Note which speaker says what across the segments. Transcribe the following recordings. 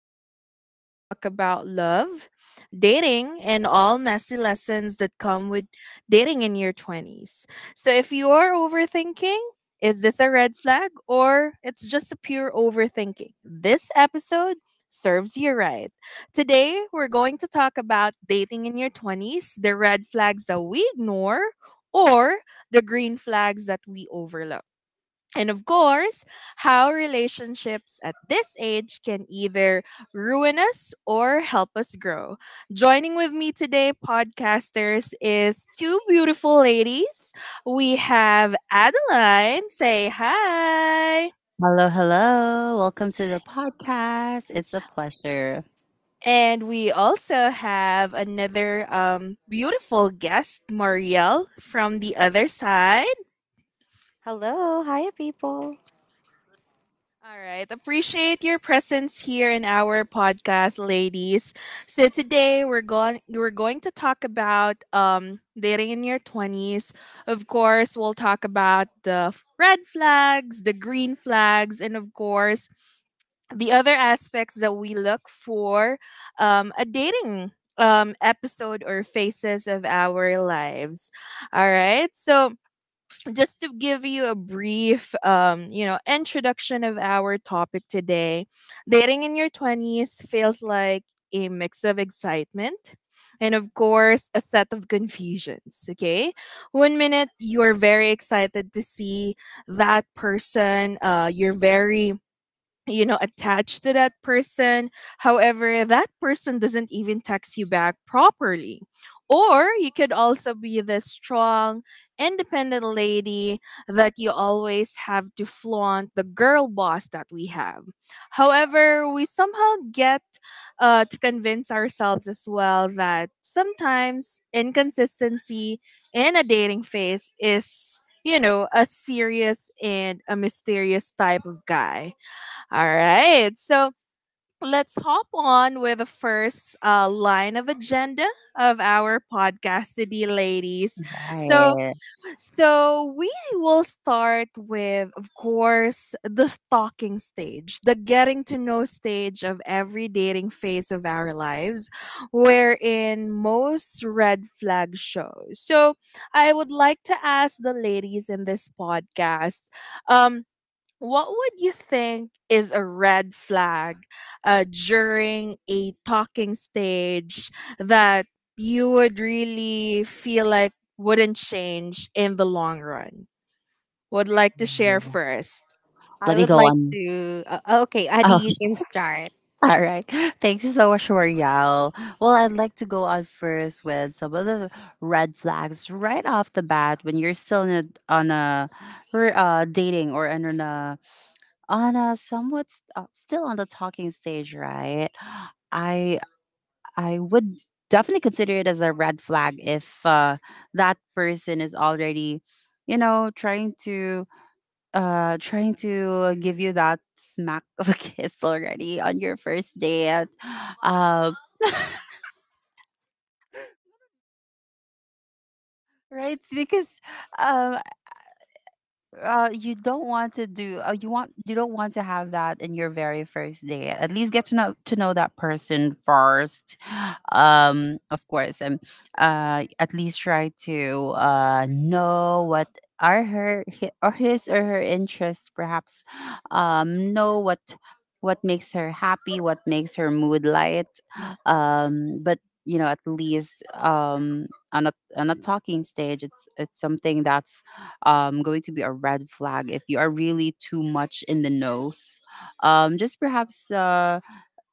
Speaker 1: the space where we talk about love, dating, and all messy lessons that come with dating in your 20s. So, if you are overthinking, is this a red flag or it's just a pure overthinking? This episode serves you right. Today, we're going to talk about dating in your 20s, the red flags that we ignore or the green flags that we overlook. And of course, how relationships at this age can either ruin us or help us grow. Joining with me today, podcasters, is two beautiful ladies. We have Adeline, say hi.
Speaker 2: Hello, hello. Welcome to the podcast. It's a pleasure.
Speaker 1: And we also have another beautiful guest, Marielle, from the other side.
Speaker 3: Hello, hi people.
Speaker 1: All right. Appreciate your presence here in our podcast, ladies. So today we're going to talk about dating in your 20s. Of course, we'll talk about the red flags, the green flags, and of course, the other aspects that we look for a dating episode or phases of our lives. All right. So just to give you a brief introduction of our topic today, dating in your 20s feels like a mix of excitement, and of course a set of confusions. Okay, one minute you're very excited to see that person, you're very attached to that person. However, that person doesn't even text you back properly, or you could also be the strong, independent lady that you always have to flaunt, the girl boss that we have. However, we somehow get to convince ourselves as well that sometimes inconsistency in a dating phase is a serious and a mysterious type of guy. All right. So let's hop on with the first line of agenda of our podcast today, ladies. So,
Speaker 2: Hi.
Speaker 1: so, we will start with, of course, the talking stage, the getting to know stage of every dating phase of our lives, wherein most red flags show. So, I would like to ask the ladies in this podcast, um, what would you think is a red flag during a talking stage that you would really feel like wouldn't change in the long run? Would like to share first.
Speaker 2: Let
Speaker 3: I
Speaker 2: me
Speaker 3: would
Speaker 2: go
Speaker 3: like
Speaker 2: on.
Speaker 3: to. Okay, Adi,
Speaker 2: Oh,
Speaker 3: you can start.
Speaker 2: all right. Thank you so much for well, I'd like to go on first with some of the red flags right off the bat when you're still in a, on a dating or on a somewhat still on the talking stage, right? I I would definitely consider it as a red flag if that person is already, you know, trying to trying to give you that smack of a kiss already on your first date. Um, right? Because um, you don't want to do you want, you don't want to have that in your very first day. At least get to know that person first. Of course, and at least try to know what are her hi- or his or her interests perhaps. Know what makes her happy, what makes her mood light. But you know, at least, on a talking stage, it's something that's going to be a red flag if you are really too much in the nose. Um, just perhaps uh,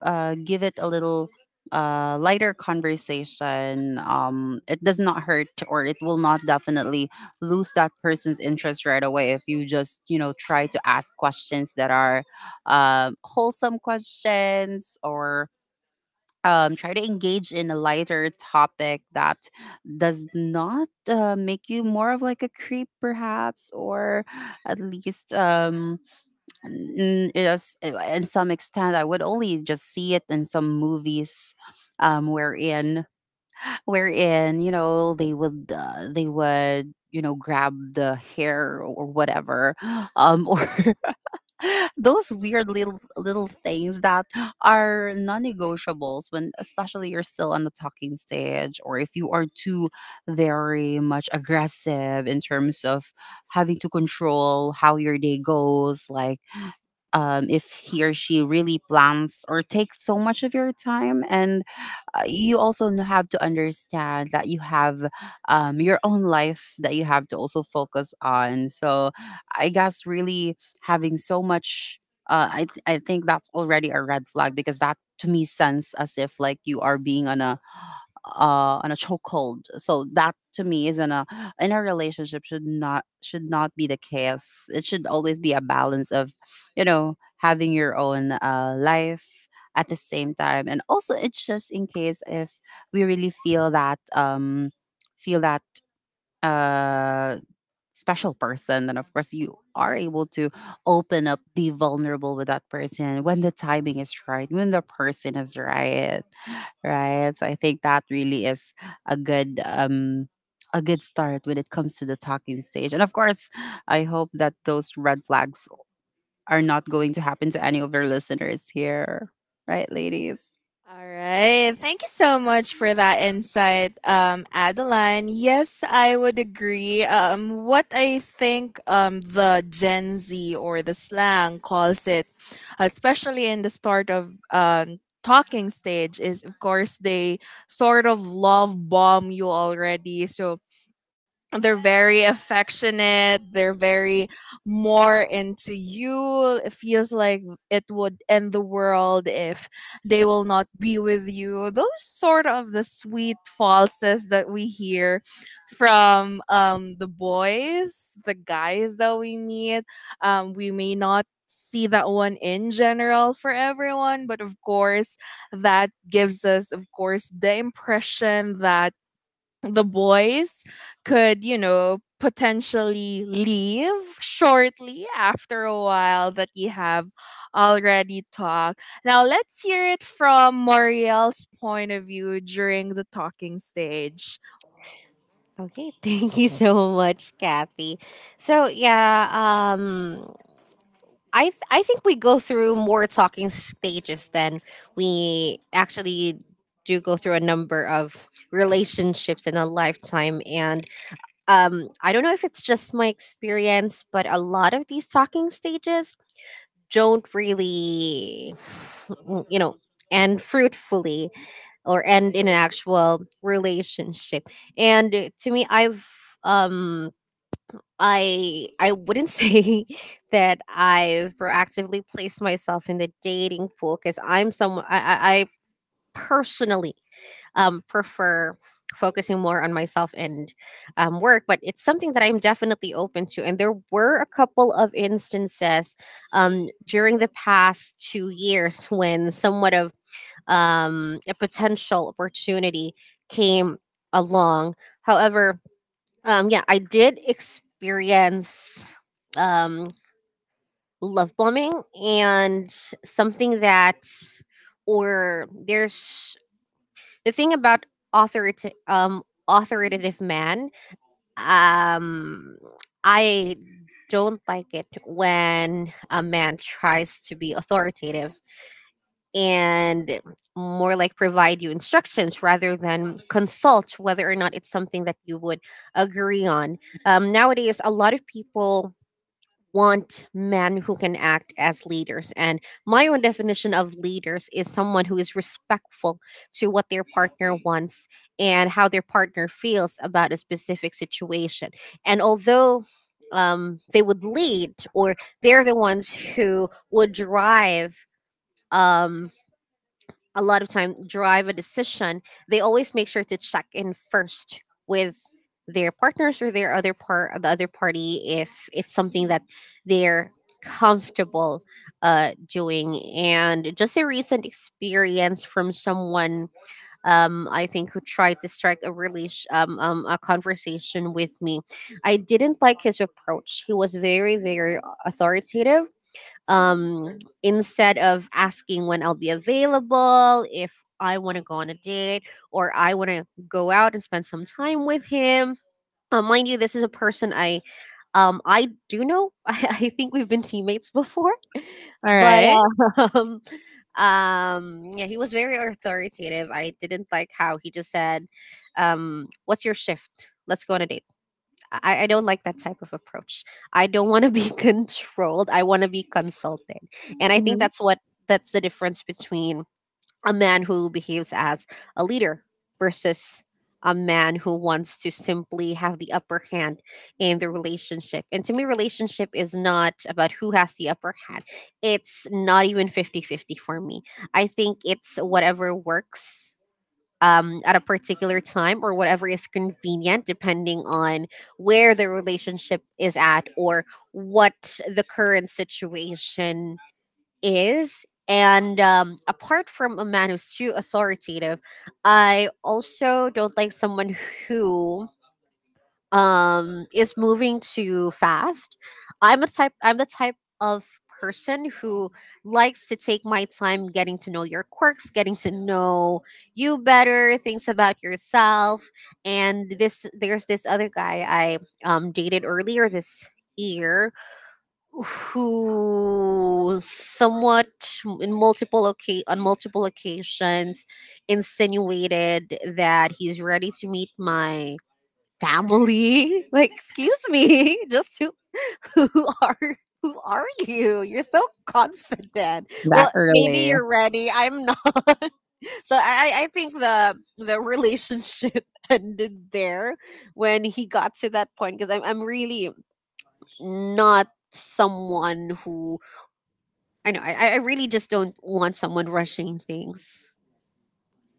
Speaker 2: uh, give it a little lighter conversation. It does not hurt, or it will not definitely lose that person's interest right away if you just, you know, try to ask questions that are wholesome questions, or try to engage in a lighter topic that does not make you more of like a creep perhaps, or at least, yes, in some extent I would only just see it in some movies wherein you know, they would they would, you know, grab the hair or whatever, or those weird little things that are non-negotiables when especially you're still on the talking stage, or if you are too very much aggressive in terms of having to control how your day goes, like if he or she really plans or takes so much of your time, and you also have to understand that you have your own life that you have to also focus on. So I guess really, having so much, I think that's already a red flag, because that to me sounds as if like you are being on a on a chokehold. So that to me isn't a, in a relationship, should not be the case. It should always be a balance of, you know, having your own life at the same time, and also it's just in case if we really feel that uh special person, then of course you are able to open up, be vulnerable with that person when the timing is right, when the person is right, right? So I think that really is a good um a good start when it comes to the talking stage. And of course, I hope that those red flags are not going to happen to any of your listeners here, right, ladies?
Speaker 1: All right. Thank you so much for that insight, Adeline. Yes, I would agree. What I think, the Gen Z or the slang calls it, especially in the start of talking stage, is of course they sort of love bomb you already. So they're very affectionate, they're very more into you. It feels like it would end the world if they will not be with you, those sort of the sweet falses that we hear from the boys, the guys that we meet. We may not see that one in general for everyone, but of course that gives us, of course, the impression that the boys could, potentially leave shortly after a while that you have already talked. Now, let's hear it from Moriel's point of view during the talking stage.
Speaker 3: Okay, thank you so much, Kathy. So yeah, I think we go through more talking stages than we actually do go through a number of relationships in a lifetime. And I don't know if it's just my experience, but a lot of these talking stages don't really you know end fruitfully or end in an actual relationship. And to me, um I wouldn't say that I've proactively placed myself in the dating pool, because I'm someone I personally prefer focusing more on myself and work. But it's something that I'm definitely open to, and there were a couple of instances during the past 2 years when somewhat of a potential opportunity came along. However, yeah, I did experience um, love bombing and something that, or there's the thing about authorita- um, authoritative man. Um, I don't like it when a man tries to be authoritative and more like provide you instructions rather than consult whether or not it's something that you would agree on. Nowadays, a lot of people want men who can act as leaders. And my own definition of leaders is someone who is respectful to what their partner wants and how their partner feels about a specific situation. And although they would lead, or they're the ones who would drive, um, a lot of time drive a decision, they always make sure to check in first with their partners or the other party if it's something that they're comfortable doing. And just a recent experience from someone I think who tried to strike a really a conversation with me, I didn't like his approach. He was very very authoritative, instead of asking when I'll be available, if I want to go on a date or I want to go out and spend some time with him. Mind you, this is a person I do know. I think we've been teammates before,
Speaker 1: All
Speaker 3: but
Speaker 1: right.
Speaker 3: uh, um yeah, he was very authoritative. I didn't like how he just said, "What's your shift? Let's go on a date." I don't like that type of approach. I don't want to be controlled. I want to be consulted. And I think that's what that's the difference between a man who behaves as a leader versus a man who wants to simply have the upper hand in the relationship. And to me, relationship is not about who has the upper hand. It's not even 50-50 for me. I think it's whatever works at a particular time, or whatever is convenient, depending on where the relationship is at or what the current situation is. And apart from a man who's too authoritative, I also don't like someone who is moving too fast. I'm the type of person who likes to take my time getting to know your quirks, getting to know you better, things about yourself. And this there's this other guy I dated earlier this year who somewhat on multiple occasions insinuated that he's ready to meet my family. Like, excuse me, just who are who are you? You're so confident.
Speaker 2: That
Speaker 3: Well, maybe
Speaker 2: early.
Speaker 3: you're ready. I'm not. So I think the relationship ended there when he got to that point, because I'm really not someone who I know I really just don't want someone rushing things.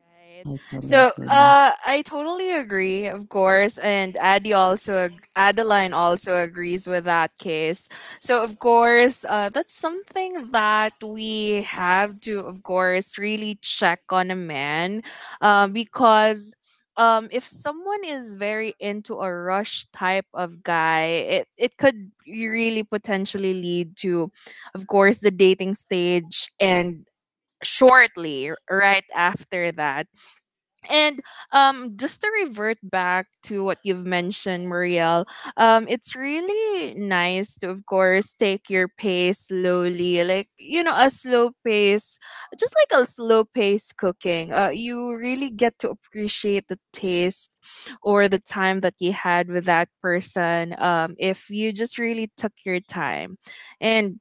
Speaker 1: Right.
Speaker 2: I totally
Speaker 1: So,
Speaker 2: agree.
Speaker 1: I totally agree, of course, and Adeline also agrees with that case. So, of course, that's something that we have to, of course, really check on a man, because. If someone is very into a rush type of guy, it could really potentially lead to, of course, the dating stage and shortly right after that. And just to revert back to what you've mentioned, Marielle, it's really nice to, of course, take your pace slowly, like you know, a slow pace, just like a slow pace cooking. You really get to appreciate the taste or the time that you had with that person. If you just really took your time, and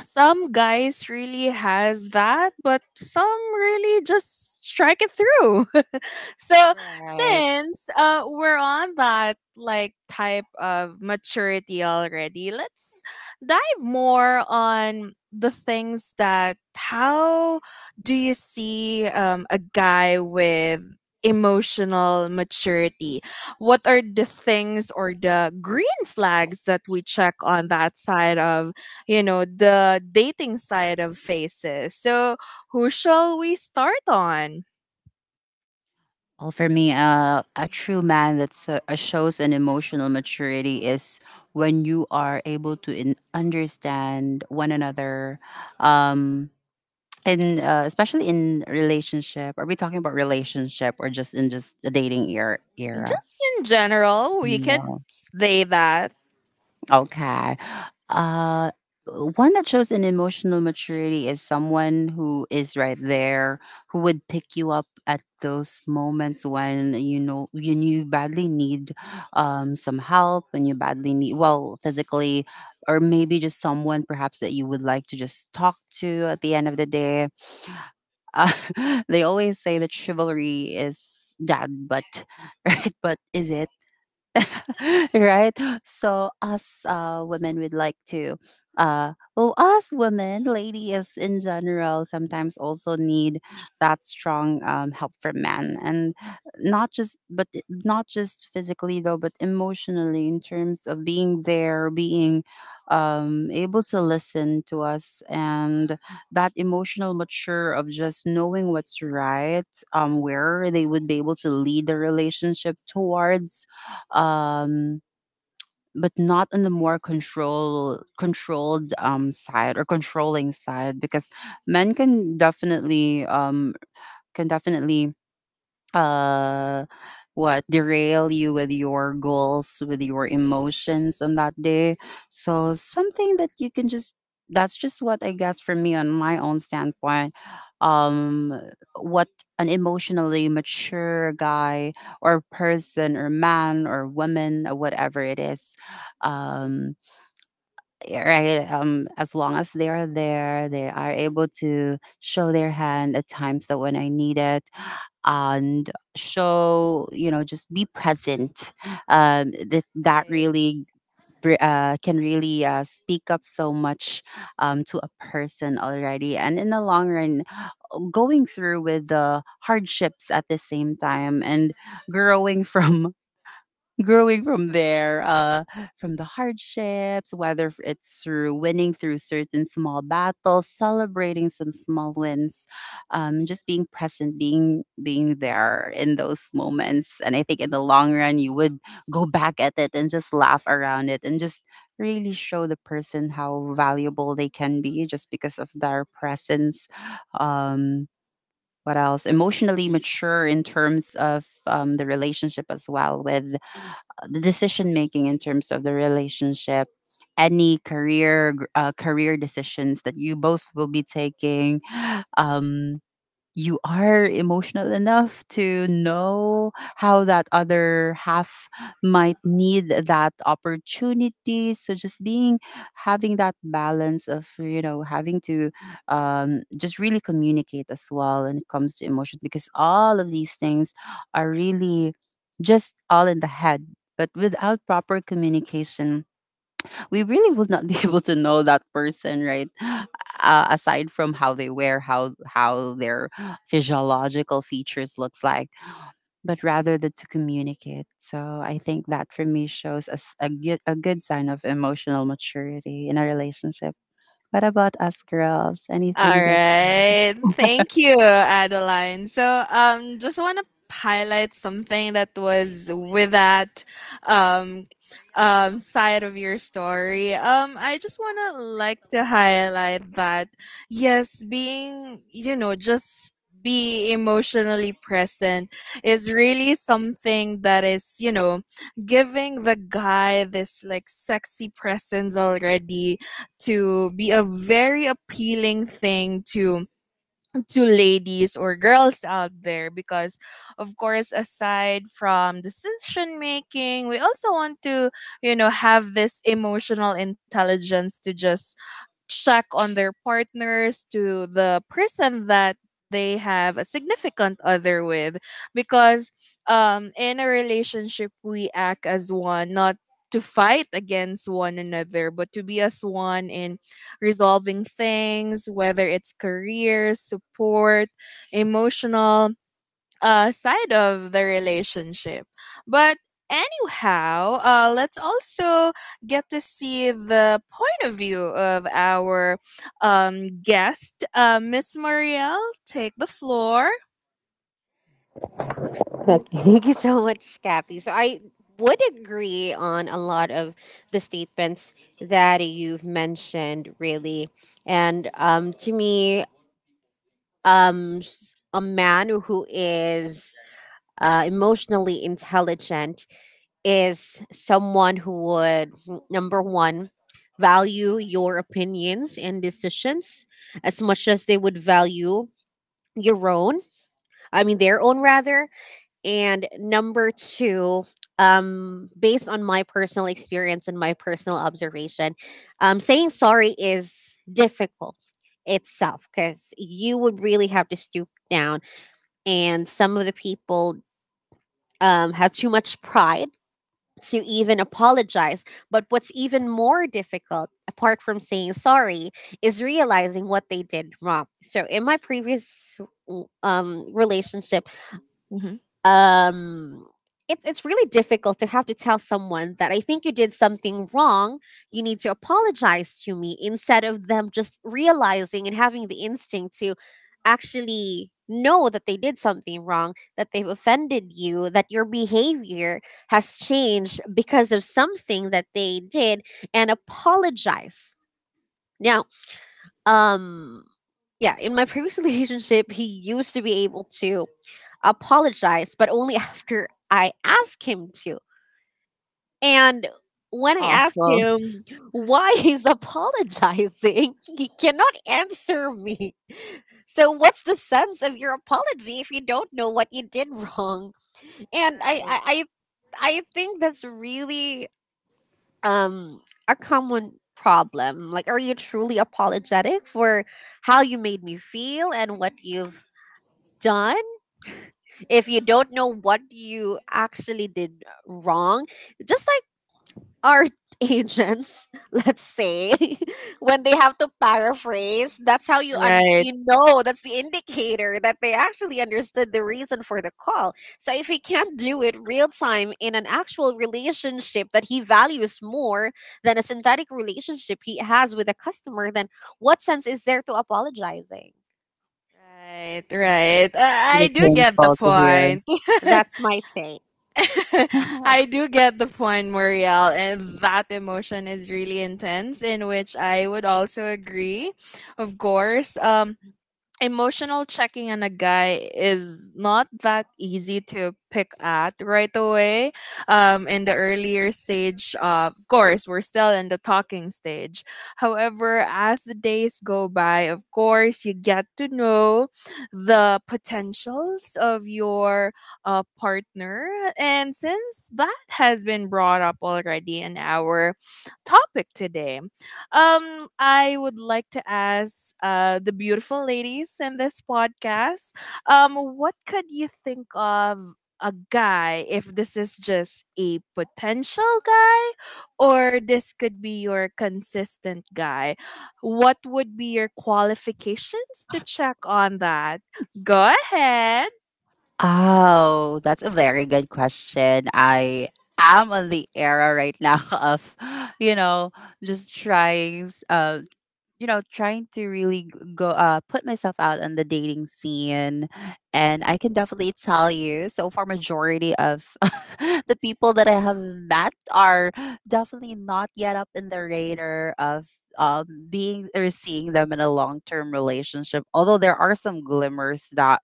Speaker 1: some guys really has that, but some really just strike it through. So
Speaker 3: Right.
Speaker 1: since, we're on that like type of maturity already, let's dive more on the things that how do you see, a guy with emotional maturity. What are the things or the green flags that we check on that side of, you know, the dating side of faces. So, who shall we start on?
Speaker 2: Well, for me, a true man that shows an emotional maturity is when you are able to understand one another, um, in especially in relationship, are we talking about relationship or just in just the dating era?
Speaker 1: Just in general, we could
Speaker 2: Yeah.
Speaker 1: say that.
Speaker 2: Okay. uh One that shows an emotional maturity is someone who is right there, who would pick you up at those moments when, you know, you badly need some help, and you badly need, well, physically, or maybe just someone perhaps that you would like to just talk to at the end of the day. Uh, they always say that chivalry is dead, but right, but is it? Right? So us women would like to, well, us women, ladies in general, sometimes also need that strong help from men, and not just, but not just physically though, but emotionally in terms of being there, being able to listen to us, and that emotional mature of just knowing what's right, where they would be able to lead the relationship towards, um, but not on the more controlled side, or controlling side, because men can definitely uh what derail you with your goals, with your emotions on that day. So something that you can just, that's just what I guess for me on my own standpoint, um what, an emotionally mature guy or person or man or woman or whatever it is, um yeah, right? As long as they are there, they are able to show their hand at times that when I need it, and show, you know, just be present. That really can really speak up so much to a person already, and in the long run, going through with the hardships at the same time, and growing from growing from there, from the hardships, whether it's through winning, through certain small battles, celebrating some small wins, just being present, being there in those moments. And I think in the long run you would go back at it and just laugh around it and just really show the person how valuable they can be just because of their presence. Um, what else? Emotionally mature in terms of, the relationship as well with the decision making in terms of the relationship, any career decisions that you both will be taking. um you are emotional enough to know how that other half might need that opportunity. So just being, having that balance of, you know, having to, just really communicate as well when it comes to emotions, because all of these things are really just all in the head, but without proper communication, we really would not be able to know that person, right, aside from how they wear, how their physiological features looks like, but rather the to communicate. So I think that for me shows us a good sign of emotional maturity in a relationship. What about us girls, anything
Speaker 1: All
Speaker 2: you'd like to?
Speaker 1: right. Thank you, Adeline. So, just want to highlight something that was with that, um, side of your story. I just want to like to highlight that, yes, being, just be emotionally present is really something that is, giving the guy this like sexy presence already, to be a very appealing thing to ladies or girls out there, because of course aside from decision making, we also want to have this emotional intelligence to just check on their partners, to the person that they have a significant other with. Because in a relationship we act as one, not to fight against one another, but to be as one in resolving things, whether it's career support, emotional, side of the relationship. But anyhow, let's also get to see the point of view of our, guest, Miss Marielle. Take the floor.
Speaker 3: Okay, thank you so much, Kathy. So I would agree on a lot of the statements that you've mentioned, really. And to me, a man who is emotionally intelligent is someone who would, number one, value your opinions and decisions as much as they would value your own. I mean, their own, rather. And number two, based on my personal experience and my personal observation, saying sorry is difficult itself, because you would really have to stoop down. And some of the people have too much pride to even apologize. But what's even more difficult, apart from saying sorry, is realizing what they did wrong. So in my previous relationship,
Speaker 1: Hmm.
Speaker 3: um it's really difficult to have to tell someone that I think you did something wrong. You need to apologize to me, instead of them just realizing and having the instinct to actually know that they did something wrong, that they've offended you, that your behavior has changed because of something that they did and apologize. Now, um yeah, in my previous relationship, he used to be able to apologize, but only after I ask him to. And
Speaker 1: It's
Speaker 3: when I asked
Speaker 1: awful.
Speaker 3: him why he's apologizing, he cannot answer me. So, what's the sense of your apology if you don't know what you did wrong? And I,
Speaker 1: Right.
Speaker 3: I, I, I think that's really um, a common problem. Like, are you truly apologetic for how you made me feel and what you've done? If you don't know what you actually did wrong, just like our agents, let's say, when they have to paraphrase, that's how you un-
Speaker 1: Right.
Speaker 3: you know that's the indicator that they actually understood the reason for the call. So if he can't do it real time in an actual relationship that he values more than a synthetic relationship he has with a customer, then what sense is there to apologizing?
Speaker 1: Right, right.
Speaker 2: It's
Speaker 1: I
Speaker 2: really
Speaker 1: do get the
Speaker 2: painful to hear.
Speaker 1: point.
Speaker 3: That's my take.
Speaker 1: I do get the point, Muriel, and that emotion is really intense, in which I would also agree. Of course, emotional checking on a guy is not that easy to pick at right away, in the earlier stage. Of course we're still in the talking stage, however as the days go by of course you get to know the potentials of your, partner. And since that has been brought up already in our topic today, I would like to ask, the beautiful ladies in this podcast, what could you think of a guy if this is just a potential guy or this could be your consistent guy? What would be your qualifications to check on that? Go ahead.
Speaker 2: Oh, that's a very good question. I am on the era right now of, you know, just trying, you know, trying to really go, put myself out on the dating scene. And I can definitely tell you so far majority of the people that I have met are definitely not yet up in the radar of being or seeing them in a long-term relationship, although there are some glimmers that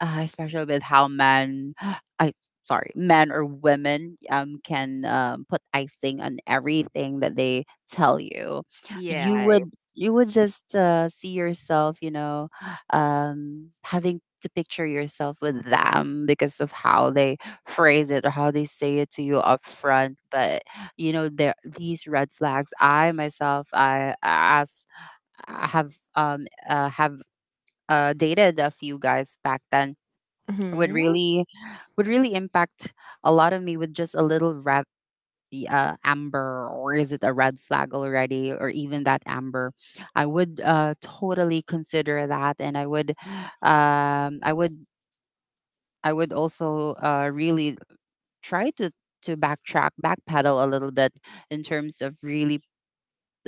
Speaker 2: especially with how men I, sorry, men or women, can, put icing on everything that they tell you. You
Speaker 1: Yeah.
Speaker 2: would, you would just see yourself, you know, having to picture yourself with them because of how they phrase it or how they say it to you up front. But you know, there these red flags. I myself, I have dated a few guys back then. Would
Speaker 1: Hmm.
Speaker 2: really, would really impact a lot of me with just a little red, the amber, or is it a red flag already, or even that amber, I would totally consider that. And I would, um, i would I would also really try to backtrack backpedal a little bit in terms of really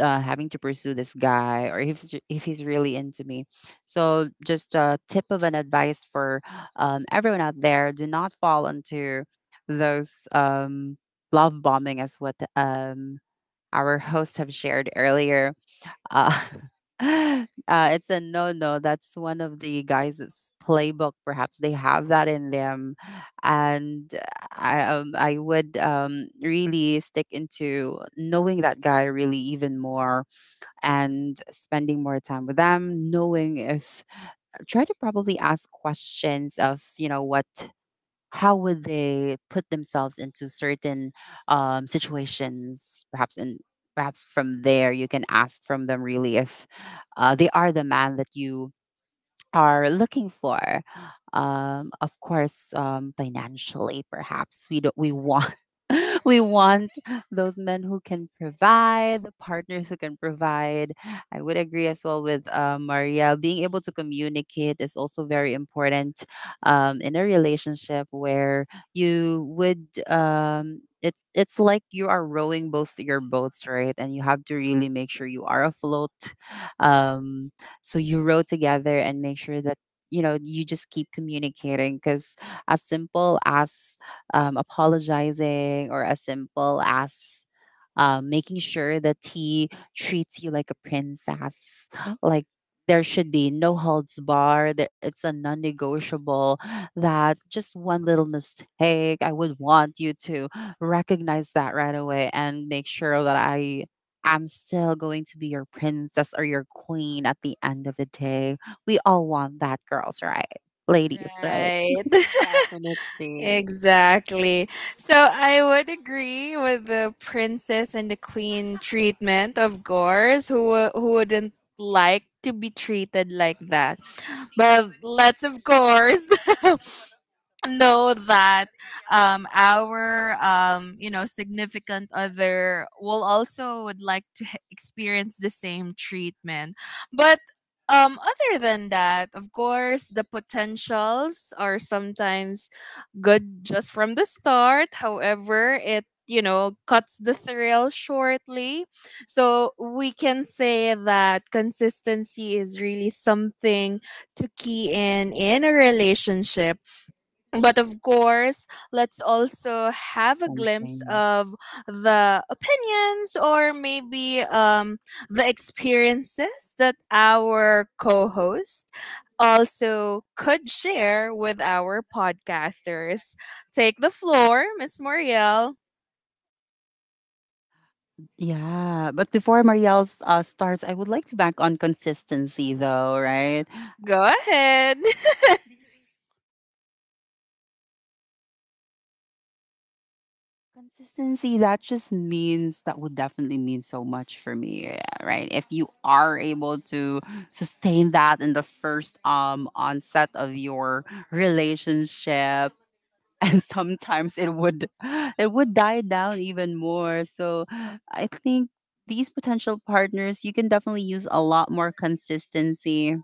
Speaker 2: having to pursue this guy, or if, if he's really into me. So just a tip of an advice for everyone out there, do not fall into those love bombing as what our hosts have shared earlier. Uh, uh, it's a no no. That's one of the guys' playbook. Perhaps they have that in them, and I would really stick into knowing that guy really even more, and spending more time with them, knowing if, try to probably ask questions of, you know, what, how would they put themselves into certain situations perhaps in, perhaps from there you can ask from them really if they are the man that you are looking for. Of course, financially, perhaps we don't, we want we want those men who can provide, the partners who can provide. I would agree as well with Maria. Being able to communicate is also very important in a relationship where you would. It's like you are rowing both your boats, right, and you have to really make sure you are afloat. um so you row together and make sure that you know you just keep communicating, because as simple as apologizing, or as simple as making sure that he treats you like a princess like there should be no holds bar, that it's a non-negotiable, that just one little mistake I would want you to recognize that right away and make sure that I'm still going to be your princess or your queen at the end of the day. We all want that, girls, right? Ladies, right?
Speaker 1: Right.
Speaker 3: Definitely.
Speaker 1: Exactly. So I would agree with the princess and the queen treatment, of course, who who wouldn't like to be treated like that. But let's of course know that our significant other will also would like to experience the same treatment. But other than that, of course the potentials are sometimes good just from the start, however it cuts the thrill shortly. So we can say that consistency is really something to key in a relationship, but of course let's also have a glimpse
Speaker 2: Something.
Speaker 1: of the opinions, or maybe the experiences that our co-host also could share with our podcasters. Take the floor, Miss Muriel.
Speaker 2: Yeah, but before Marielle's starts, I would like to back on consistency, though, right?
Speaker 1: Go ahead.
Speaker 2: Consistency, that just means that would definitely mean so much for me, yeah, right? If you are able to sustain that in the first onset of your relationship. And sometimes it would, it would die down even more. So I think these potential partners, you can definitely use a lot more consistency,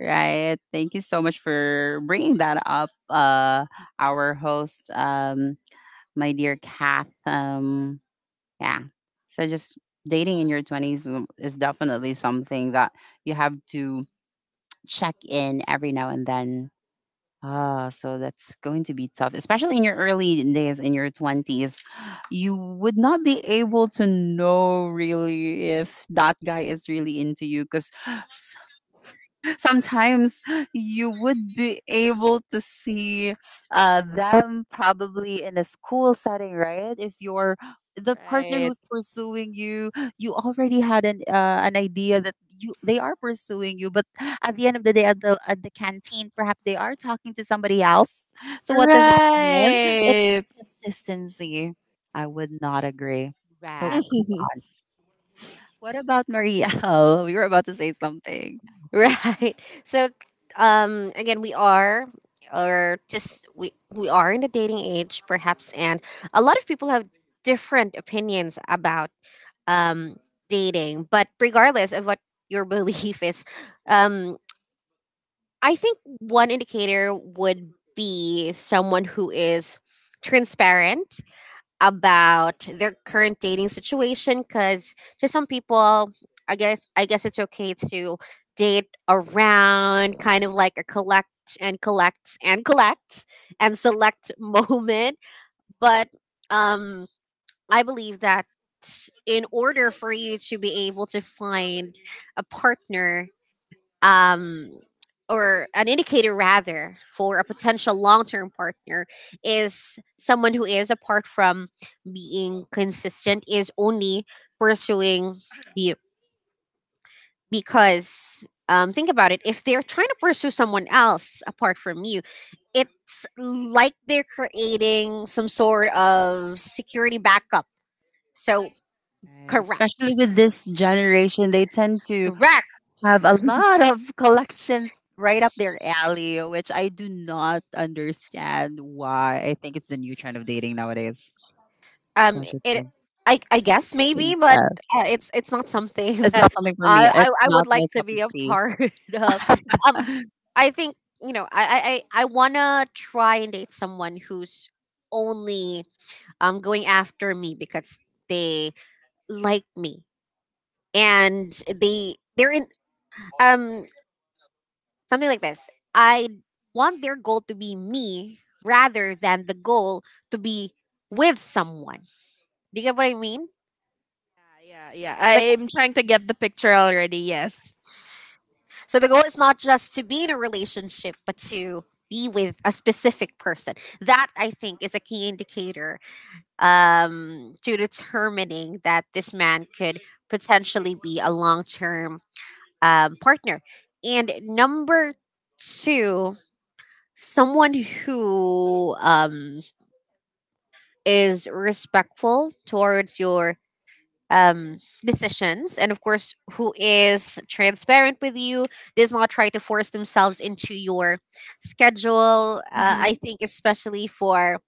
Speaker 2: right? Thank you so much for bringing that up, our host. My dear Kath. Yeah. So just dating in your 20s is definitely something that you have to check in every now and then. Ah, so that's going to be tough, especially in your early days in your 20s. You would not be able to know really if that guy is really into you, because sometimes you would be able to see them probably in a school setting, right? If you're the partner
Speaker 1: Right,
Speaker 2: who's pursuing you, you already had an idea that you they are pursuing you, but at the end of the day, at the canteen perhaps, they are talking to somebody else. So what does that mean?
Speaker 1: right.
Speaker 2: It's consistency. I would not agree. So
Speaker 3: Correct.
Speaker 2: what about Maria? We were about to say something.
Speaker 3: Right. So again we are, or just we are in the dating age perhaps, and a lot of people have different opinions about um dating, but regardless of what your belief is, um I think one indicator would be someone who is transparent about their current dating situation. Because to some people, I guess it's okay to date around, kind of like a collect and select moment. But um I believe that in order for you to be able to find a partner, um, or an indicator rather for a potential long-term partner, is someone who is, apart from being consistent, is only pursuing you. Because think about it, if they're trying to pursue someone else apart from you, it's like they're creating some sort of security backup. So
Speaker 2: Right,
Speaker 3: correct,
Speaker 2: especially with this generation, they tend to
Speaker 3: correct.
Speaker 2: have a lot of collections right up their alley, which I do not understand why. I think it's the new trend of dating nowadays, don't you
Speaker 3: It
Speaker 2: think?
Speaker 3: I guess maybe, but
Speaker 2: Yes.
Speaker 3: it's not something
Speaker 2: It's
Speaker 3: that
Speaker 2: not something for
Speaker 3: I,
Speaker 2: me.
Speaker 3: I
Speaker 2: It's
Speaker 3: I would
Speaker 2: not
Speaker 3: like
Speaker 2: my
Speaker 3: to
Speaker 2: cup of
Speaker 3: be a
Speaker 2: tea.
Speaker 3: part of. Um, I think you know I want to try and date someone who's only going after me because they like me and they they're in um something like this. I want their goal to be me rather than the goal to be with someone. Do you get what I mean?
Speaker 1: Yeah, yeah, yeah,
Speaker 3: Like,
Speaker 1: I'm trying to get the picture already. Yes.
Speaker 3: so the goal is not just to be in a relationship, but to be with a specific person. That I think is a key indicator to determining that this man could potentially be a long term partner. And number two, someone who is respectful towards your um, decisions, and of course who is transparent with you, does not try to force themselves into your schedule. I
Speaker 1: Mm-hmm.
Speaker 3: think especially for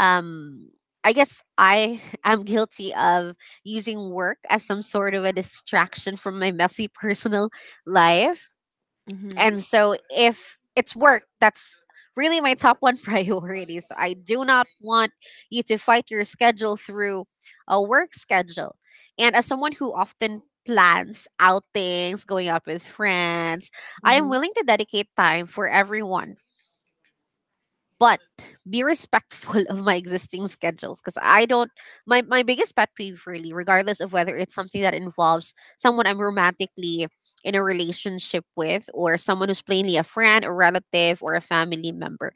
Speaker 3: um, I guess I am guilty of using work as some sort of a distraction from my messy personal life.
Speaker 1: Mm-hmm.
Speaker 3: And so if it's work, that's really my top one priority. So I do not want you to fight your schedule through a work schedule. And as someone who often plans outings, going out with friends, I am
Speaker 1: Mm-hmm.
Speaker 3: willing to dedicate time for everyone, but be respectful of my existing schedules. Because I don't, my biggest pet peeve really, regardless of whether it's something that involves someone I'm romantically in a relationship with or someone who's plainly a friend, a relative, or a family member.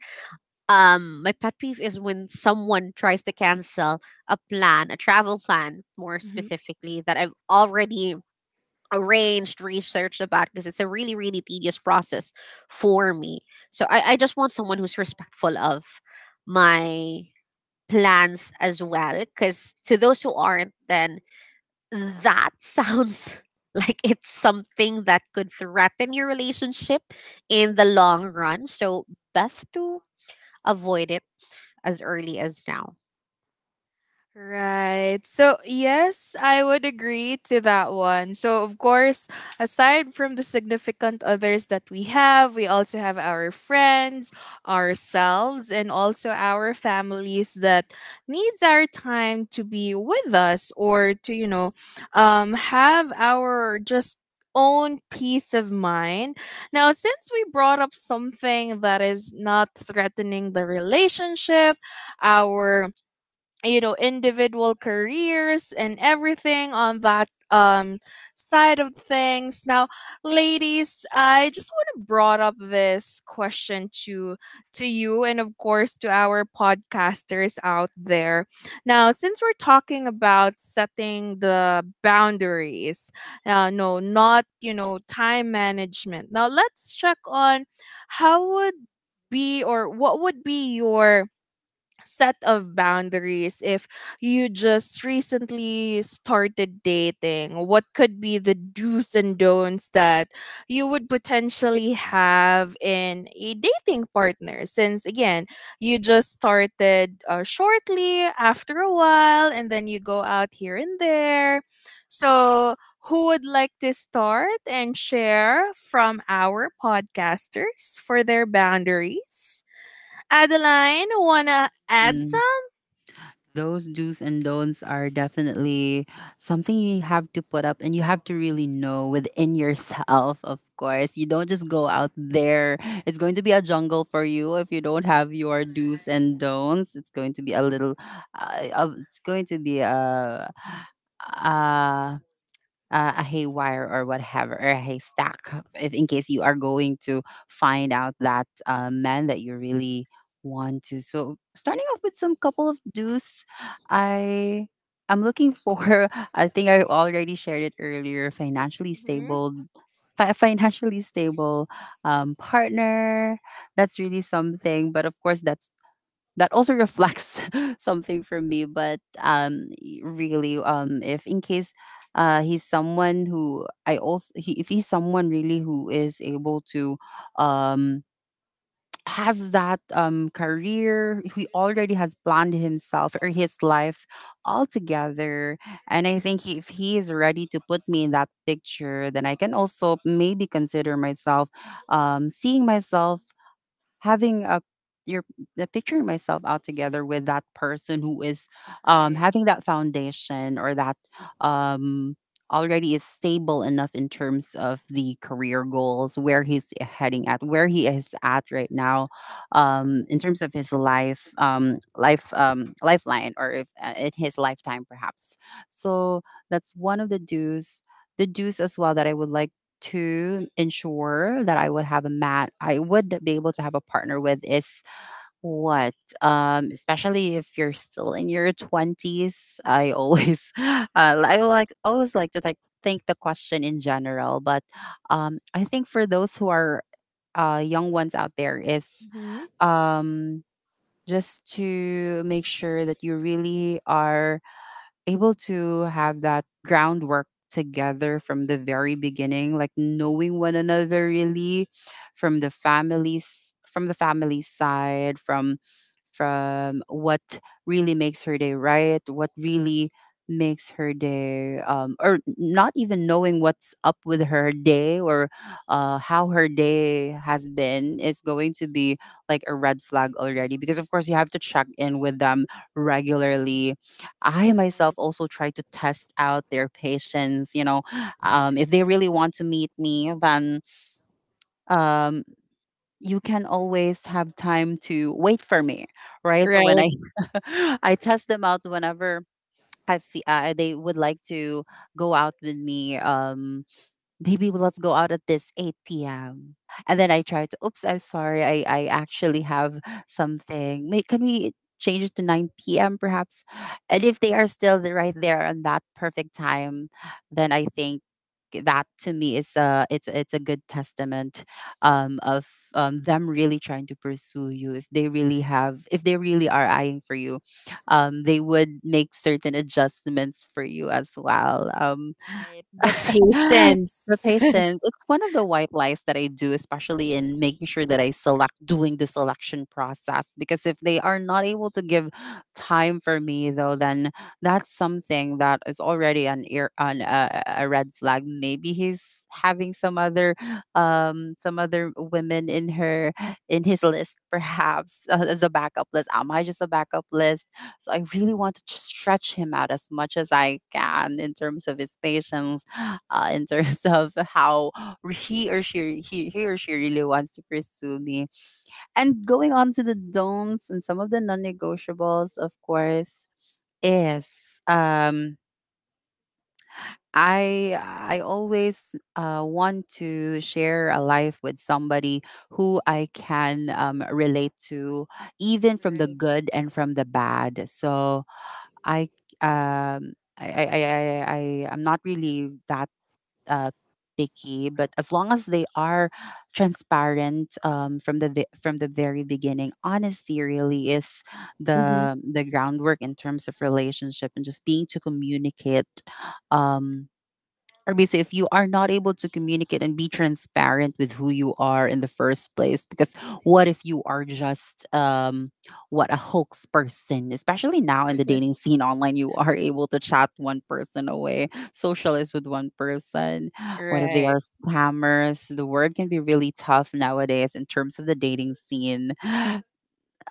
Speaker 3: Um, my pet peeve is when someone tries to cancel a plan, a travel plan more specifically, that I've already arranged, researched about, because it's a really, really tedious process for me. So I just want someone who's respectful of my plans as well. Because to those who aren't, then that sounds like it's something that could threaten your relationship in the long run. So best to avoid it as early as now.
Speaker 1: Right. So, yes, I would agree to that one. So, of course, aside from the significant others that we have, we also have our friends, ourselves, and also our families that needs our time to be with us, or to, have our just own peace of mind. Now, since we brought up something that is not threatening the relationship, our individual careers and everything on that, side of things. Now ladies, I just want to brought up this question to you and of course to our podcasters out there. Now since we're talking about setting the boundaries, no, not time management. Now let's check on how would be or what would be your set of boundaries if you just recently started dating. What could be the do's and don'ts that you would potentially have in a dating partner, since again you just started, shortly after a while and then you go out here and there. So, who would like to start and share from our podcasters for their boundaries? Adeline, wanna add
Speaker 2: Mm.
Speaker 1: some?
Speaker 2: Those do's and don'ts are definitely something you have to put up, and you have to really know within yourself. Of course, you don't just go out there. It's going to be a jungle for you if you don't have your do's and don'ts. It's going to be a little it's going to be uh, a haywire or whatever, or a haystack, if in case you are going to find out that man that you really want to. So, starting off with some couple of do's, I I'm looking for. I think I already shared it earlier. Financially
Speaker 1: Mm-hmm.
Speaker 2: stable, financially stable partner. That's really something. But of course, that's that also reflects something from me, but really, if in case he's someone who if he's someone really who is able to um has that career, he already has planned himself or his life altogether. And I think if he is ready to put me in that picture, then I can also maybe consider myself seeing myself having a your the picturing myself out together with that person who is
Speaker 1: Right.
Speaker 2: having that foundation or that um already is stable enough in terms of the career goals, where he's heading at, where he is at right now, in terms of his life, lifeline, or if in his lifetime perhaps. So that's one of the dues, the dues as well that I would like to ensure that I would be able to have a partner with, is what? Especially if you're still in your 20s, I always I will always like to think the question in general, but I think for those who are young ones out there is
Speaker 1: Hmm.
Speaker 2: um, just to make sure that you really are able to have that groundwork together from the very beginning, like knowing one another really, from the families, from the family side, from what really makes her day, right, what really makes her day, or not even knowing what's up with her day, or how her day has been, is going to be like a red flag already. Because, of course, you have to check in with them regularly. I myself also try to test out their patience, you know, if they really want to meet me, then um, you can always have time to wait for me, right? So when I
Speaker 1: Right,
Speaker 2: I test them out, whenever I feel they would like to go out with me, maybe let's go out at this 8 p.m. And then I try to, oops, I'm sorry, I actually have something. May, can we change it to 9 p.m. perhaps? And if they are still right there on that perfect time, then I think that to me is a, it's a good testament of them really trying to pursue you. If they really have, if they really are eyeing for you, they would make certain adjustments for you as well.
Speaker 1: right. The
Speaker 2: The
Speaker 1: patience.
Speaker 2: patience. It's one of the white lies that I do, especially in making sure that I select doing the selection process. Because if they are not able to give time for me, though, then that's something that is already an ear on a red flag. Maybe he's having some other women in her in his list, perhaps, as a backup list. Am I just a backup list? So I really want to stretch him out as much as I can in terms of his patience, in terms of how he or she really wants to pursue me. And going on to the don'ts and some of the non-negotiables, of course, is I always want to share a life with somebody who I can relate to, even from the
Speaker 1: Right.
Speaker 2: good and from the bad. So I um I I I I I'm not really that uh, picky, but as long as they are transparent from from the very beginning. Honesty really is
Speaker 1: Hmm.
Speaker 2: the groundwork in terms of relationship, and just being to communicate, um, or basically, if you are not able to communicate and be transparent with who you are in the first place, because what if you are just what a hoax person, especially now in the dating scene online, you are able to chat one person away, socialize with one person. What if they
Speaker 1: Right.
Speaker 2: are scammers? The word can be really tough nowadays in terms of the dating scene.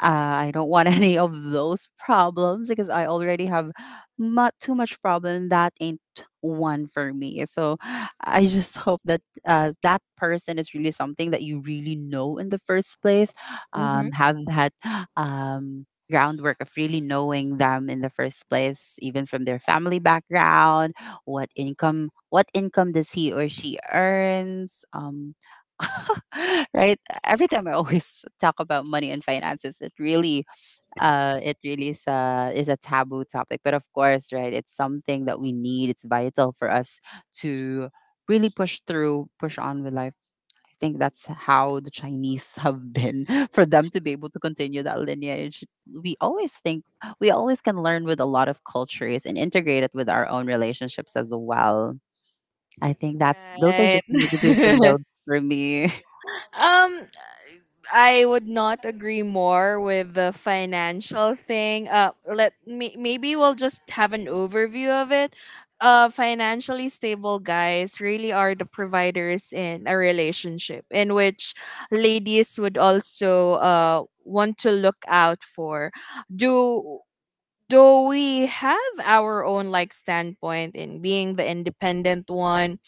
Speaker 2: uh, I don't want any of those problems, because I already have not too much problem. That ain't one for me. So I just hope that that person is really something that you really know in the first place.
Speaker 1: hmm
Speaker 2: Have that groundwork of really knowing them in the first place, even from their family background, what income does he or she earns. Right, every time I always talk about money and finances, it really is is a taboo topic. But of course, right, it's something that we need. It's vital for us to really push through, push on with life. I think that's how the Chinese have been for them to be able to continue that lineage. We always think we always can learn with a lot of cultures and integrate it with our own relationships as well. I think that's those are just some of the do's and
Speaker 1: Right.
Speaker 2: don'ts for me.
Speaker 1: um, I would not agree more with the financial thing. Let me, maybe we'll just have an overview of it. Financially stable guys really are the providers in a relationship, in which ladies would also want to look out for. Do do we have our own like standpoint in being the independent one?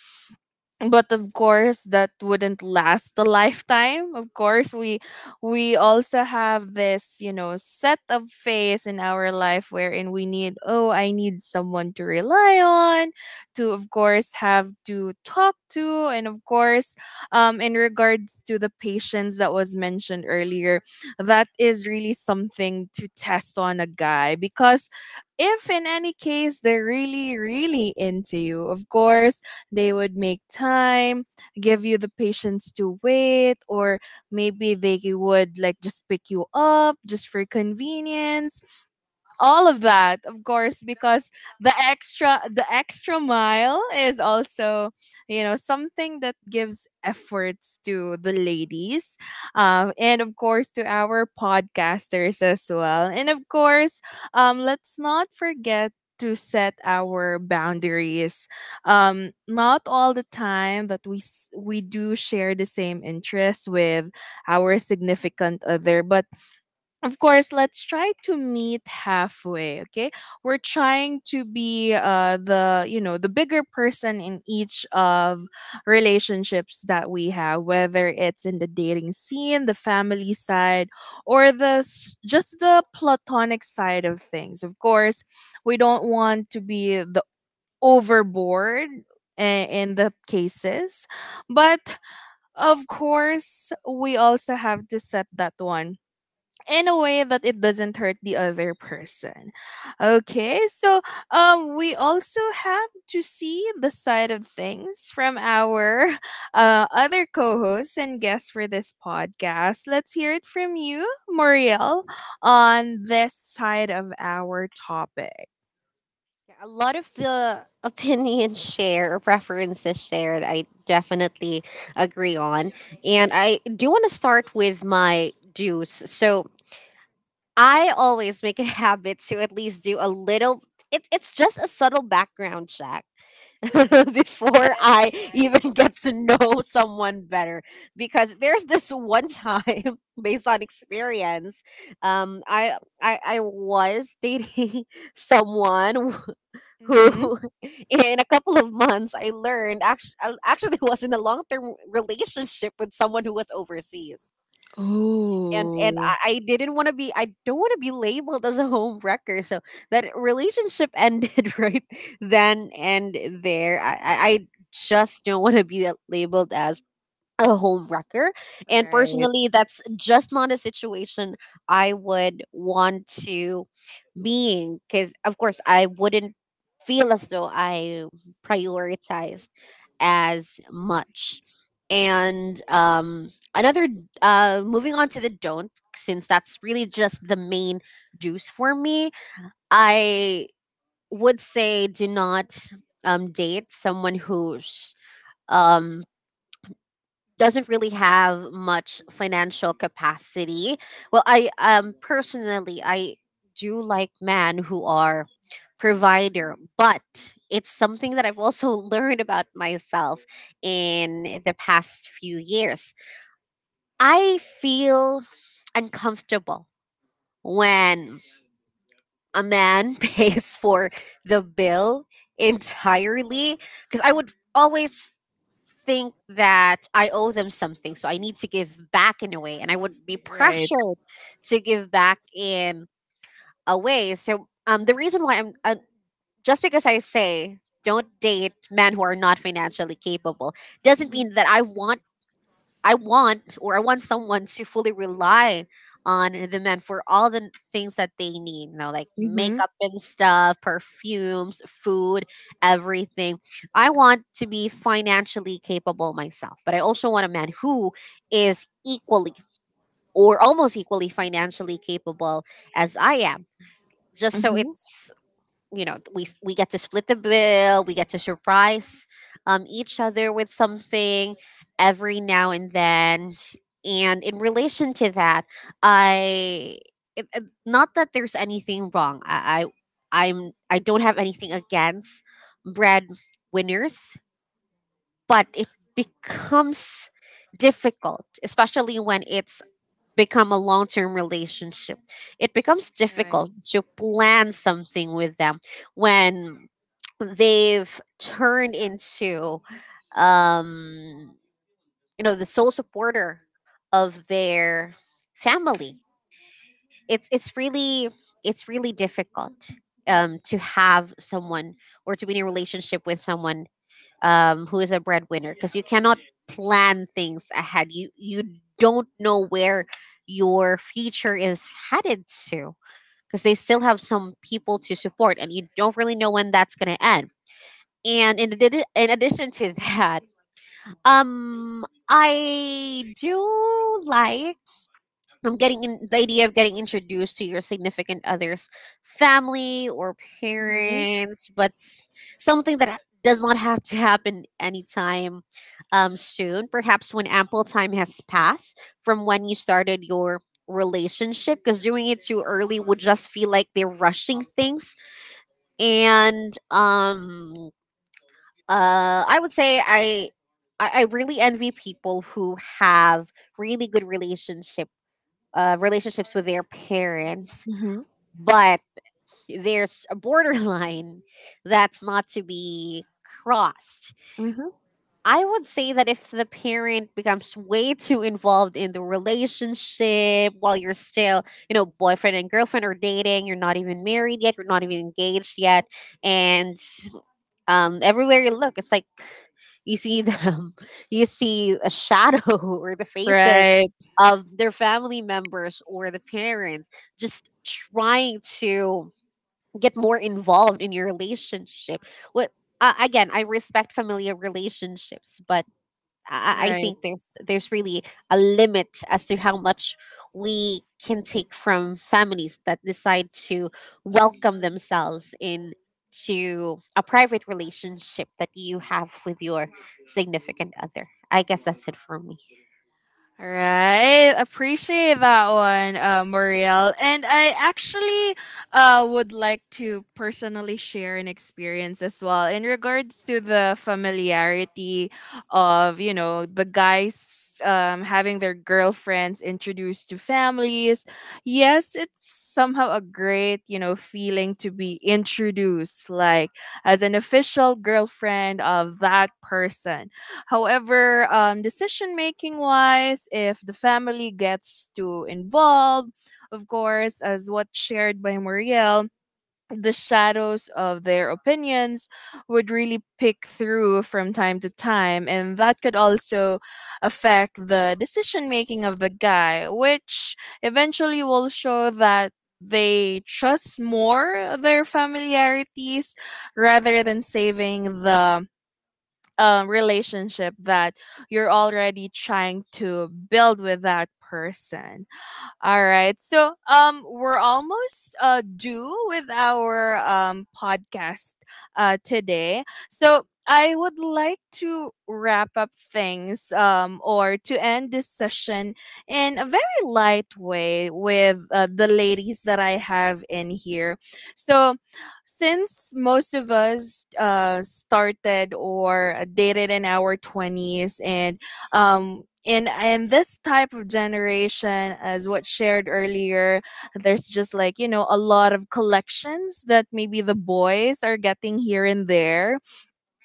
Speaker 1: But of course that wouldn't last a lifetime. Of course we also have this set of phase in our life wherein we need oh, I need someone to rely on, to of course have to talk to, and of course in regards to the patience that was mentioned earlier, that is really something to test on a guy. Because if in any case they're really really into you, of course they would make time, give you the patience to wait, or maybe they would like just pick you up just for convenience, all of that, of course, because the extra mile is also something that gives efforts to the ladies, and of course to our podcasters as well. And of course, let's not forget to set our boundaries. Not all the time that we do share the same interests with our significant other, but of course let's try to meet halfway. Okay, we're trying to be the the bigger person in each of relationships that we have, whether it's in the dating scene, the family side, or just the platonic side of things. Of course we don't want to be the overboard i- in the cases, but of course we also have to set that one in a way that it doesn't hurt the other person. Okay, so we also have to see the side of things from our other co hosts and guests for this podcast. Let's hear it from you, Muriel, on this side of our topic.
Speaker 3: A lot of the opinions share preferences shared, I definitely agree on. And I do want to start with my dues. So I always make a habit to at least do a little it's just a subtle background check before I even get to know someone better. Because there's this one time, based on experience, I was dating someone
Speaker 1: Mm-hmm.
Speaker 3: who, in a couple of months, I learned actually was in a long-term relationship with someone who was overseas. And and
Speaker 1: Oh.
Speaker 3: I, I didn't want to be, I don't want to be labeled as a home wrecker. So that relationship ended right then and there. I just don't want to be labeled as a home wrecker. And
Speaker 1: Right,
Speaker 3: personally, that's just not a situation I would want to be in. Because, of course, I wouldn't feel as though I prioritized as much. And another, moving on to the don't, since that's really just the main deuce for me, I would say do not date someone who's um, doesn't really have much financial capacity. Well, I personally I do like men who are provider, but it's something that I've also learned about myself in the past few years. I feel uncomfortable when a man pays for the bill entirely, because I would always think that I owe them something, so I need to give back in a way, and I would be
Speaker 1: right.
Speaker 3: pressured to give back in a way. So, the reason why I'm just because I say don't date men who are not financially capable doesn't
Speaker 1: Mm-hmm.
Speaker 3: mean that I want, or I want someone to fully rely on the men for all the things that they need, you know, like
Speaker 1: Mm-hmm.
Speaker 3: makeup and stuff, perfumes, food, everything. I want to be financially capable myself, but I also want a man who is equally or almost equally financially capable as I am, just so
Speaker 1: Mm-hmm.
Speaker 3: it's, you know, we get to split the bill, we get to surprise each other with something every now and then. And in relation to that, i not that there's anything wrong, I don't have anything against bread winners, but it becomes difficult, especially when it's become a long-term relationship. It becomes
Speaker 1: Right.
Speaker 3: difficult to plan something with them when they've turned into, um you know, the sole supporter of their family. It's really, it's really difficult to have someone or to be in a relationship with someone who is a breadwinner, because you cannot plan things ahead. You don't know where your future is headed to, because they still have some people to support and you don't really know when that's going to end. And in addition to that, I do like, the idea of getting introduced to your significant other's family or
Speaker 1: Mm-hmm.
Speaker 3: parents, but something that does not have to happen anytime soon. Perhaps when ample time has passed from when you started your relationship, because doing it too early would just feel like they're rushing things. And I would say I really envy people who have really good relationships with their parents,
Speaker 1: Mm-hmm.
Speaker 3: but there's a borderline that's not to be crossed.
Speaker 1: Mm-hmm.
Speaker 3: I would say that if the parent becomes way too involved in the relationship while you're still, you know, boyfriend and girlfriend, are dating, you're not even married yet, you're not even engaged yet, and everywhere you look it's like, you see them, you see a shadow or the faces
Speaker 1: Right.
Speaker 3: of their family members or the parents just trying to get more involved in your relationship. What, again, I respect familiar relationships, but I
Speaker 1: Right.
Speaker 3: think there's really a limit as to how much we can take from families that decide to welcome themselves into a private relationship that you have with your significant other. I guess that's it for me.
Speaker 1: All right, appreciate that one, Muriel. And I actually would like to personally share an experience as well in regards to the familiarity of, you know, the guys having their girlfriends introduced to families. Yes, it's somehow a great, you know, feeling to be introduced, like as an official girlfriend of that person. However, decision making wise, if the family gets too involved, of course, as what shared by Muriel, the shadows of their opinions would really pick through from time to time, and that could also affect the decision making of the guy, which eventually will show that they trust more their familiarities rather than saving the relationship that you're already trying to build with that person. All right. So, we're almost due with our podcast today. So I would like to wrap up things or to end this session in a very light way with the ladies that I have in here. So since most of us started or dated in our 20s and in and this type of generation, as what shared earlier, there's just like you know a lot of collections that maybe the boys are getting here and there,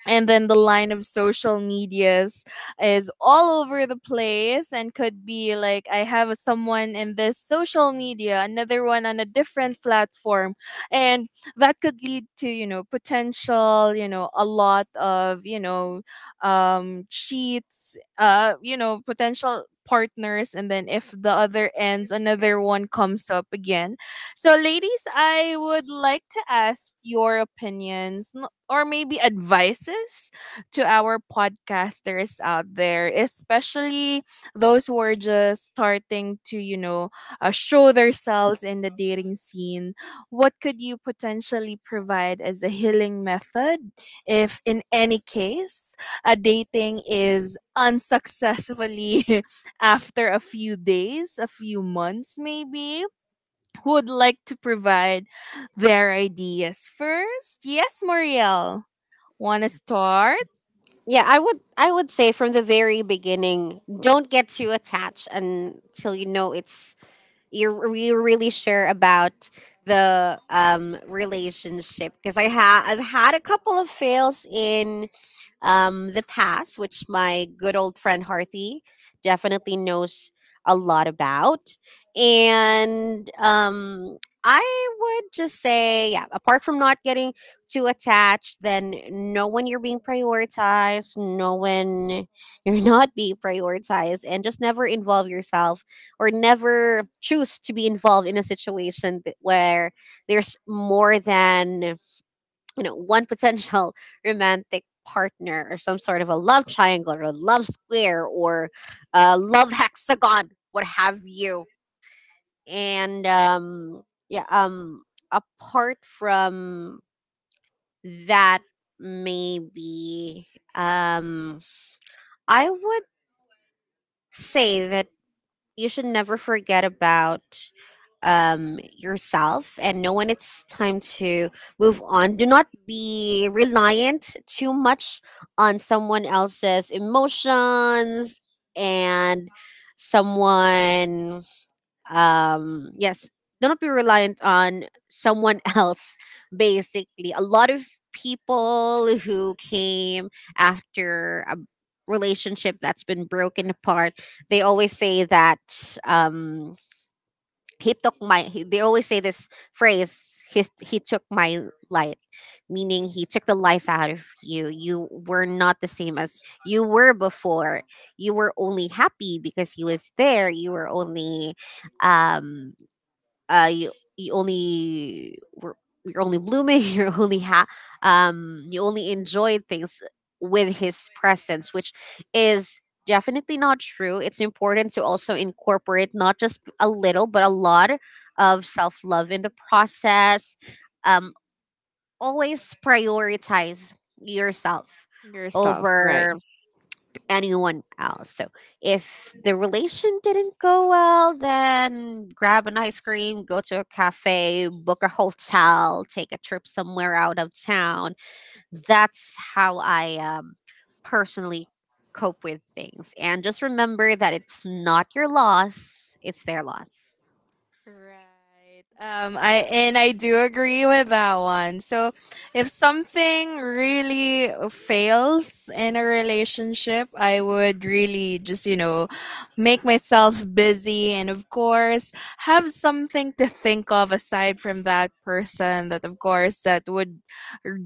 Speaker 1: and then the line of social medias is all over the place and could be like I have someone in this social media, another one on a different platform. And that could lead to, you know, potential, you know, a lot of, you know, cheats, uh, you know, potential partners. And then if the other ends, another one comes up again. So ladies, I would like to ask your opinions or maybe advices to our podcasters out there, especially those who are just starting to, you know, show themselves in the dating scene. What could you potentially provide as a healing method if, in any case, a dating is unsuccessfully after a few days, a few months maybe? Who would like to provide their ideas first? Yes, Muriel. Want to start
Speaker 3: Yeah, I would say, from the very beginning, don't get too attached until you know it's you're really sure about the relationship, because I've had a couple of fails in the past, which my good old friend Harthy definitely knows a lot about. And I would just say, yeah, apart from not getting too attached, then know when you're being prioritized, know when you're not being prioritized, and just never involve yourself or never choose to be involved in a situation where there's more than, you know, one potential romantic partner, or some sort of a love triangle or a love square or a love hexagon, what have you. And yeah, apart from that, maybe um I would say that you should never forget about yourself and know when it's time to move on. Do not be reliant too much on someone else's emotions and someone yes, do not be reliant on someone else. Basically, a lot of people who came after a relationship that's been broken apart, they always say that, he took my he, they always say this phrase, he took my light, meaning he took the life out of you. You were not the same as you were before. You were only happy because he was there. You were only um you you only were you're only blooming, you only enjoy things with his presence, which is definitely not true. It's important to also incorporate not just a little but a lot of self-love in the process. um Always prioritize yourself
Speaker 1: yourself, right?
Speaker 3: over anyone else. So if the relation didn't go well, then grab an ice cream, go to a cafe, book a hotel, take a trip somewhere out of town. That's how I, personally, cope with things. And just remember that it's not your loss, it's their loss.
Speaker 1: Right. I and I do agree with that one. So if something really fails in a relationship, I would really just, you know, make myself busy, and of course have something to think of aside from that person, that of course that would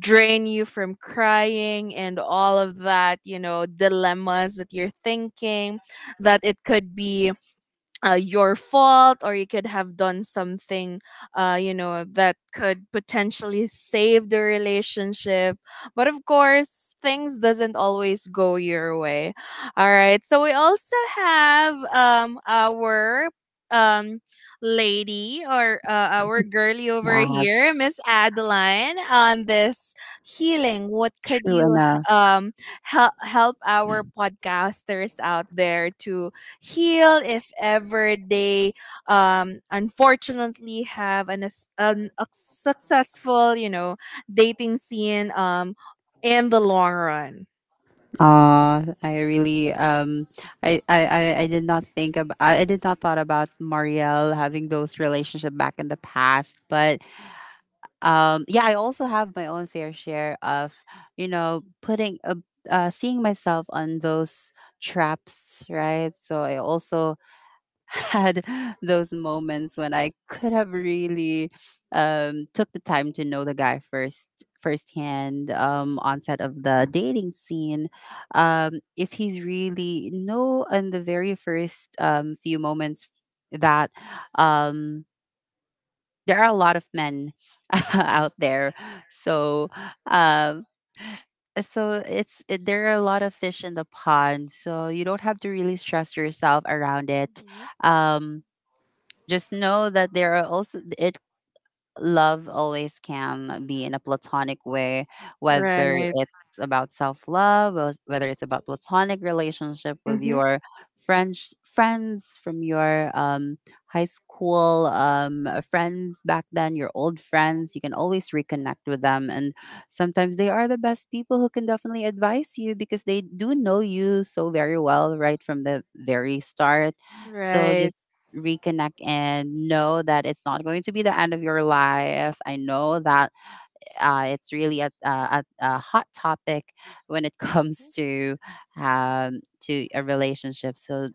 Speaker 1: drain you from crying and all of that, you know, dilemmas that you're thinking, that it could be your fault, or you could have done something you know, that could potentially save the relationship. But of course things doesn't always go your way. All right, so we also have our um lady or our girly over
Speaker 2: Yeah,
Speaker 1: here, Miss Adeline, on this healing. What could
Speaker 2: true
Speaker 1: you
Speaker 2: enough.
Speaker 1: um help our podcasters out there to heal if ever they unfortunately have an, an a successful, you know, dating scene in the long run.
Speaker 2: I really I did not thought about Marielle having those relationship back in the past, but yeah, I also have my own fair share of, you know, putting seeing myself on those traps, right? So I also had those moments when I could have really took the time to know the guy first, firsthand, onset of the dating scene. If he's really no, in the very first few moments, that um, there are a lot of men out there. So, um, there are a lot of fish in the pond, so you don't have to really stress yourself around it.
Speaker 1: Mhm.
Speaker 2: um, just know that there are also it love always can be in a platonic way, whether
Speaker 1: Right.
Speaker 2: it's about self love, whether it's about platonic relationship with
Speaker 1: Hmm.
Speaker 2: your French friends, from your high school friends back then, your old friends. You can always reconnect with them, and sometimes they are the best people who can definitely advise you, because they do know you so very well right from the very start. So
Speaker 1: Right.
Speaker 2: just reconnect and know that it's not going to be the end of your life. I know that it's really a hot topic when it comes to a relationship. So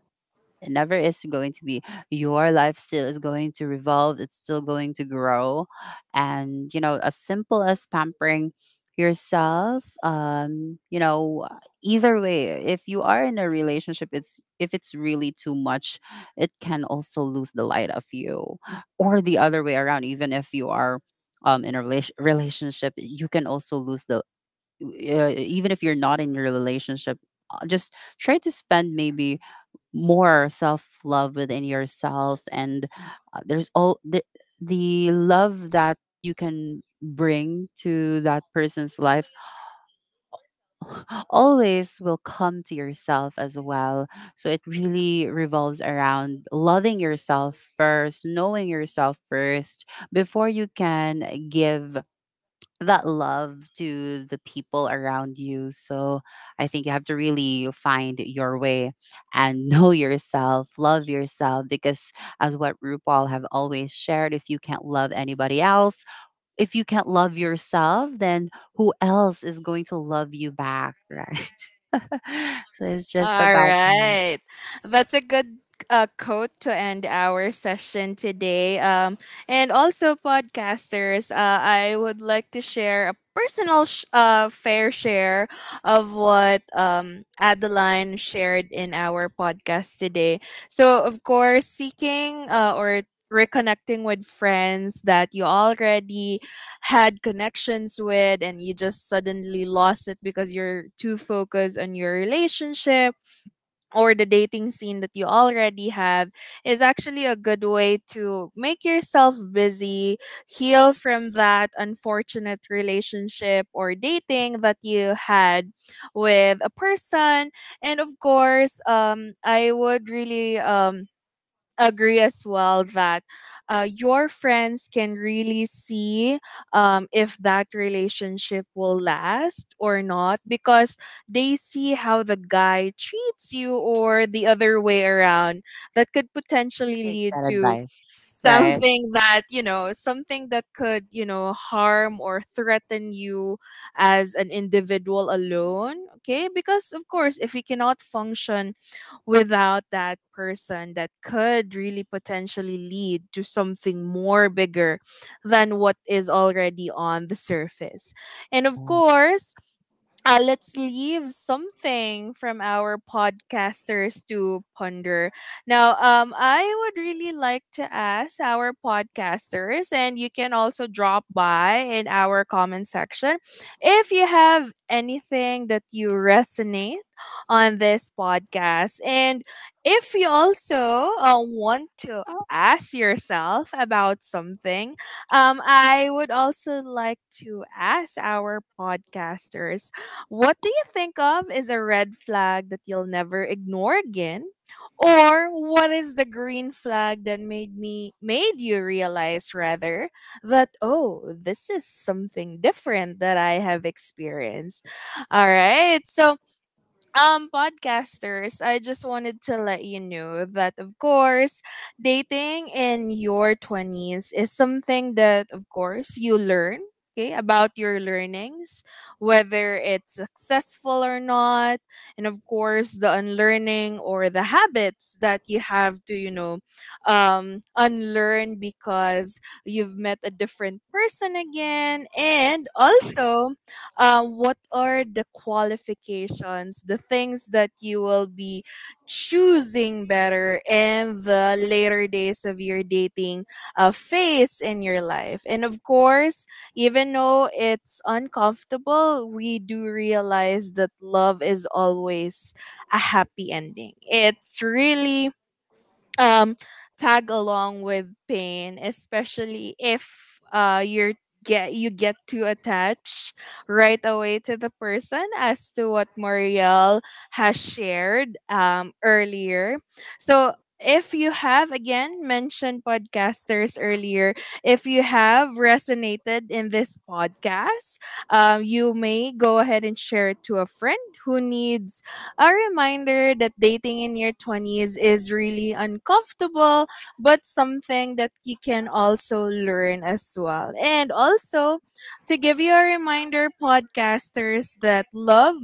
Speaker 2: it never is going to be. Your life still is going to revolve. It's still going to grow. And, you know, as simple as pampering yourself, you know, either way, if you are in a relationship, it's if it's really too much, it can also lose the light of you. Or the other way around, even if you are in a relationship, you can also lose the even if you're not in your relationship, just try to spend maybe more self love within yourself, and there's all the love that you can bring to that person's life always will come to yourself as well. So it really revolves around loving yourself first, knowing yourself first, before you can give that love to the people around you. So I think you have to really find your way, and know yourself, love yourself, because as what RuPaul have always shared, if you can't love anybody else, if you can't love yourself, then who else is going to love you back, right? So it's just
Speaker 1: All
Speaker 2: about
Speaker 1: right. That's a good quote to end our session today. And also, podcasters, I would like to share a personal fair share of what Adeline shared in our podcast today. So, of course, seeking or reconnecting with friends that you already had connections with and you just suddenly lost it because you're too focused on your relationship or the dating scene that you already have is actually a good way to make yourself busy, heal from that unfortunate relationship or dating that you had with a person. And of course, I would really agree as well that your friends can really see if that relationship will last or not, because they see how the guy treats you or the other way around. That could potentially
Speaker 2: take
Speaker 1: lead
Speaker 2: that
Speaker 1: to
Speaker 2: advice, right?
Speaker 1: something that, you know, something that could, you know, harm or threaten you as an individual alone. Okay. Because, of course, if we cannot function without that person, that could really potentially lead to something more bigger than what is already on the surface. And of
Speaker 2: Yeah.
Speaker 1: course, let's leave something from our podcasters to ponder. Now, I would really like to ask our podcasters, and you can also drop by in our comment section if you have anything that you resonate on this podcast. And if you also want to ask yourself about something I would also like to ask our podcasters, what do you think of is a red flag that you'll never ignore again? Or what is the green flag that made you realize, rather, that oh, this is something different that I have experienced. All right. So, podcasters, I just wanted to let you know that of course dating in your 20s is something that of course you learn, okay, about your learnings, whether it's successful or not, and of course the unlearning or the habits that you have to, you know, unlearn because you've met a different person again. And also what are the qualifications, the things that you will be choosing better in the later days of your dating phase in your life. And of course, even though it's uncomfortable, we do realize that love is always a happy ending. It's really um tag along with pain, especially if you get too attached right away to the person, as to what Muriel has shared earlier. So if you have again mentioned, podcasters, earlier, if you have resonated in this podcast, you may go ahead and share it to a friend who needs a reminder that dating in your 20s is really uncomfortable, but something that you can also learn as well. And also, to give you a reminder, podcasters, that love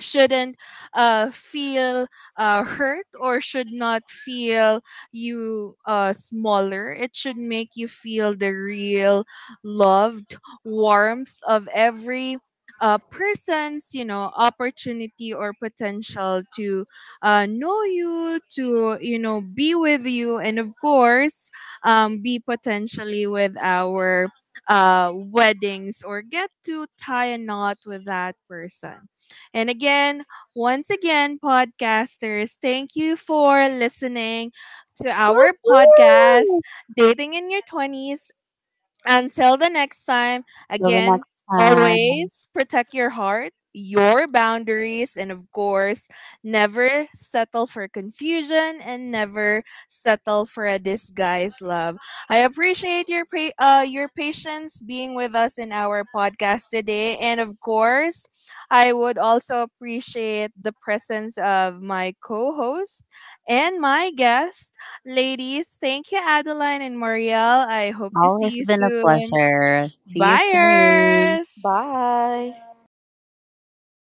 Speaker 1: shouldn't feel hurt, or should not feel you smaller. It should make you feel the real loved warmth of every person's, you know, opportunity or potential to know you, to, you know, be with you, and of course, be potentially with our weddings or get to tie a knot with that person. And again, once again, podcasters, thank you for listening to our podcast,
Speaker 2: Woo-hoo!
Speaker 1: Dating in Your 20s. Until the next time,
Speaker 2: Till the
Speaker 1: again,
Speaker 2: next time.
Speaker 1: always protect your heart, your boundaries, and of course, never settle for confusion and never settle for a disguised love. I appreciate your your patience being with us in our podcast today, and of course, I would also appreciate the presence of my co-host and my guest. Ladies, thank you, Adeline and Marielle. I hope to see
Speaker 2: Always
Speaker 1: you
Speaker 2: been a
Speaker 1: soon.
Speaker 2: pleasure. See you soon.
Speaker 1: Buyers!
Speaker 3: Bye.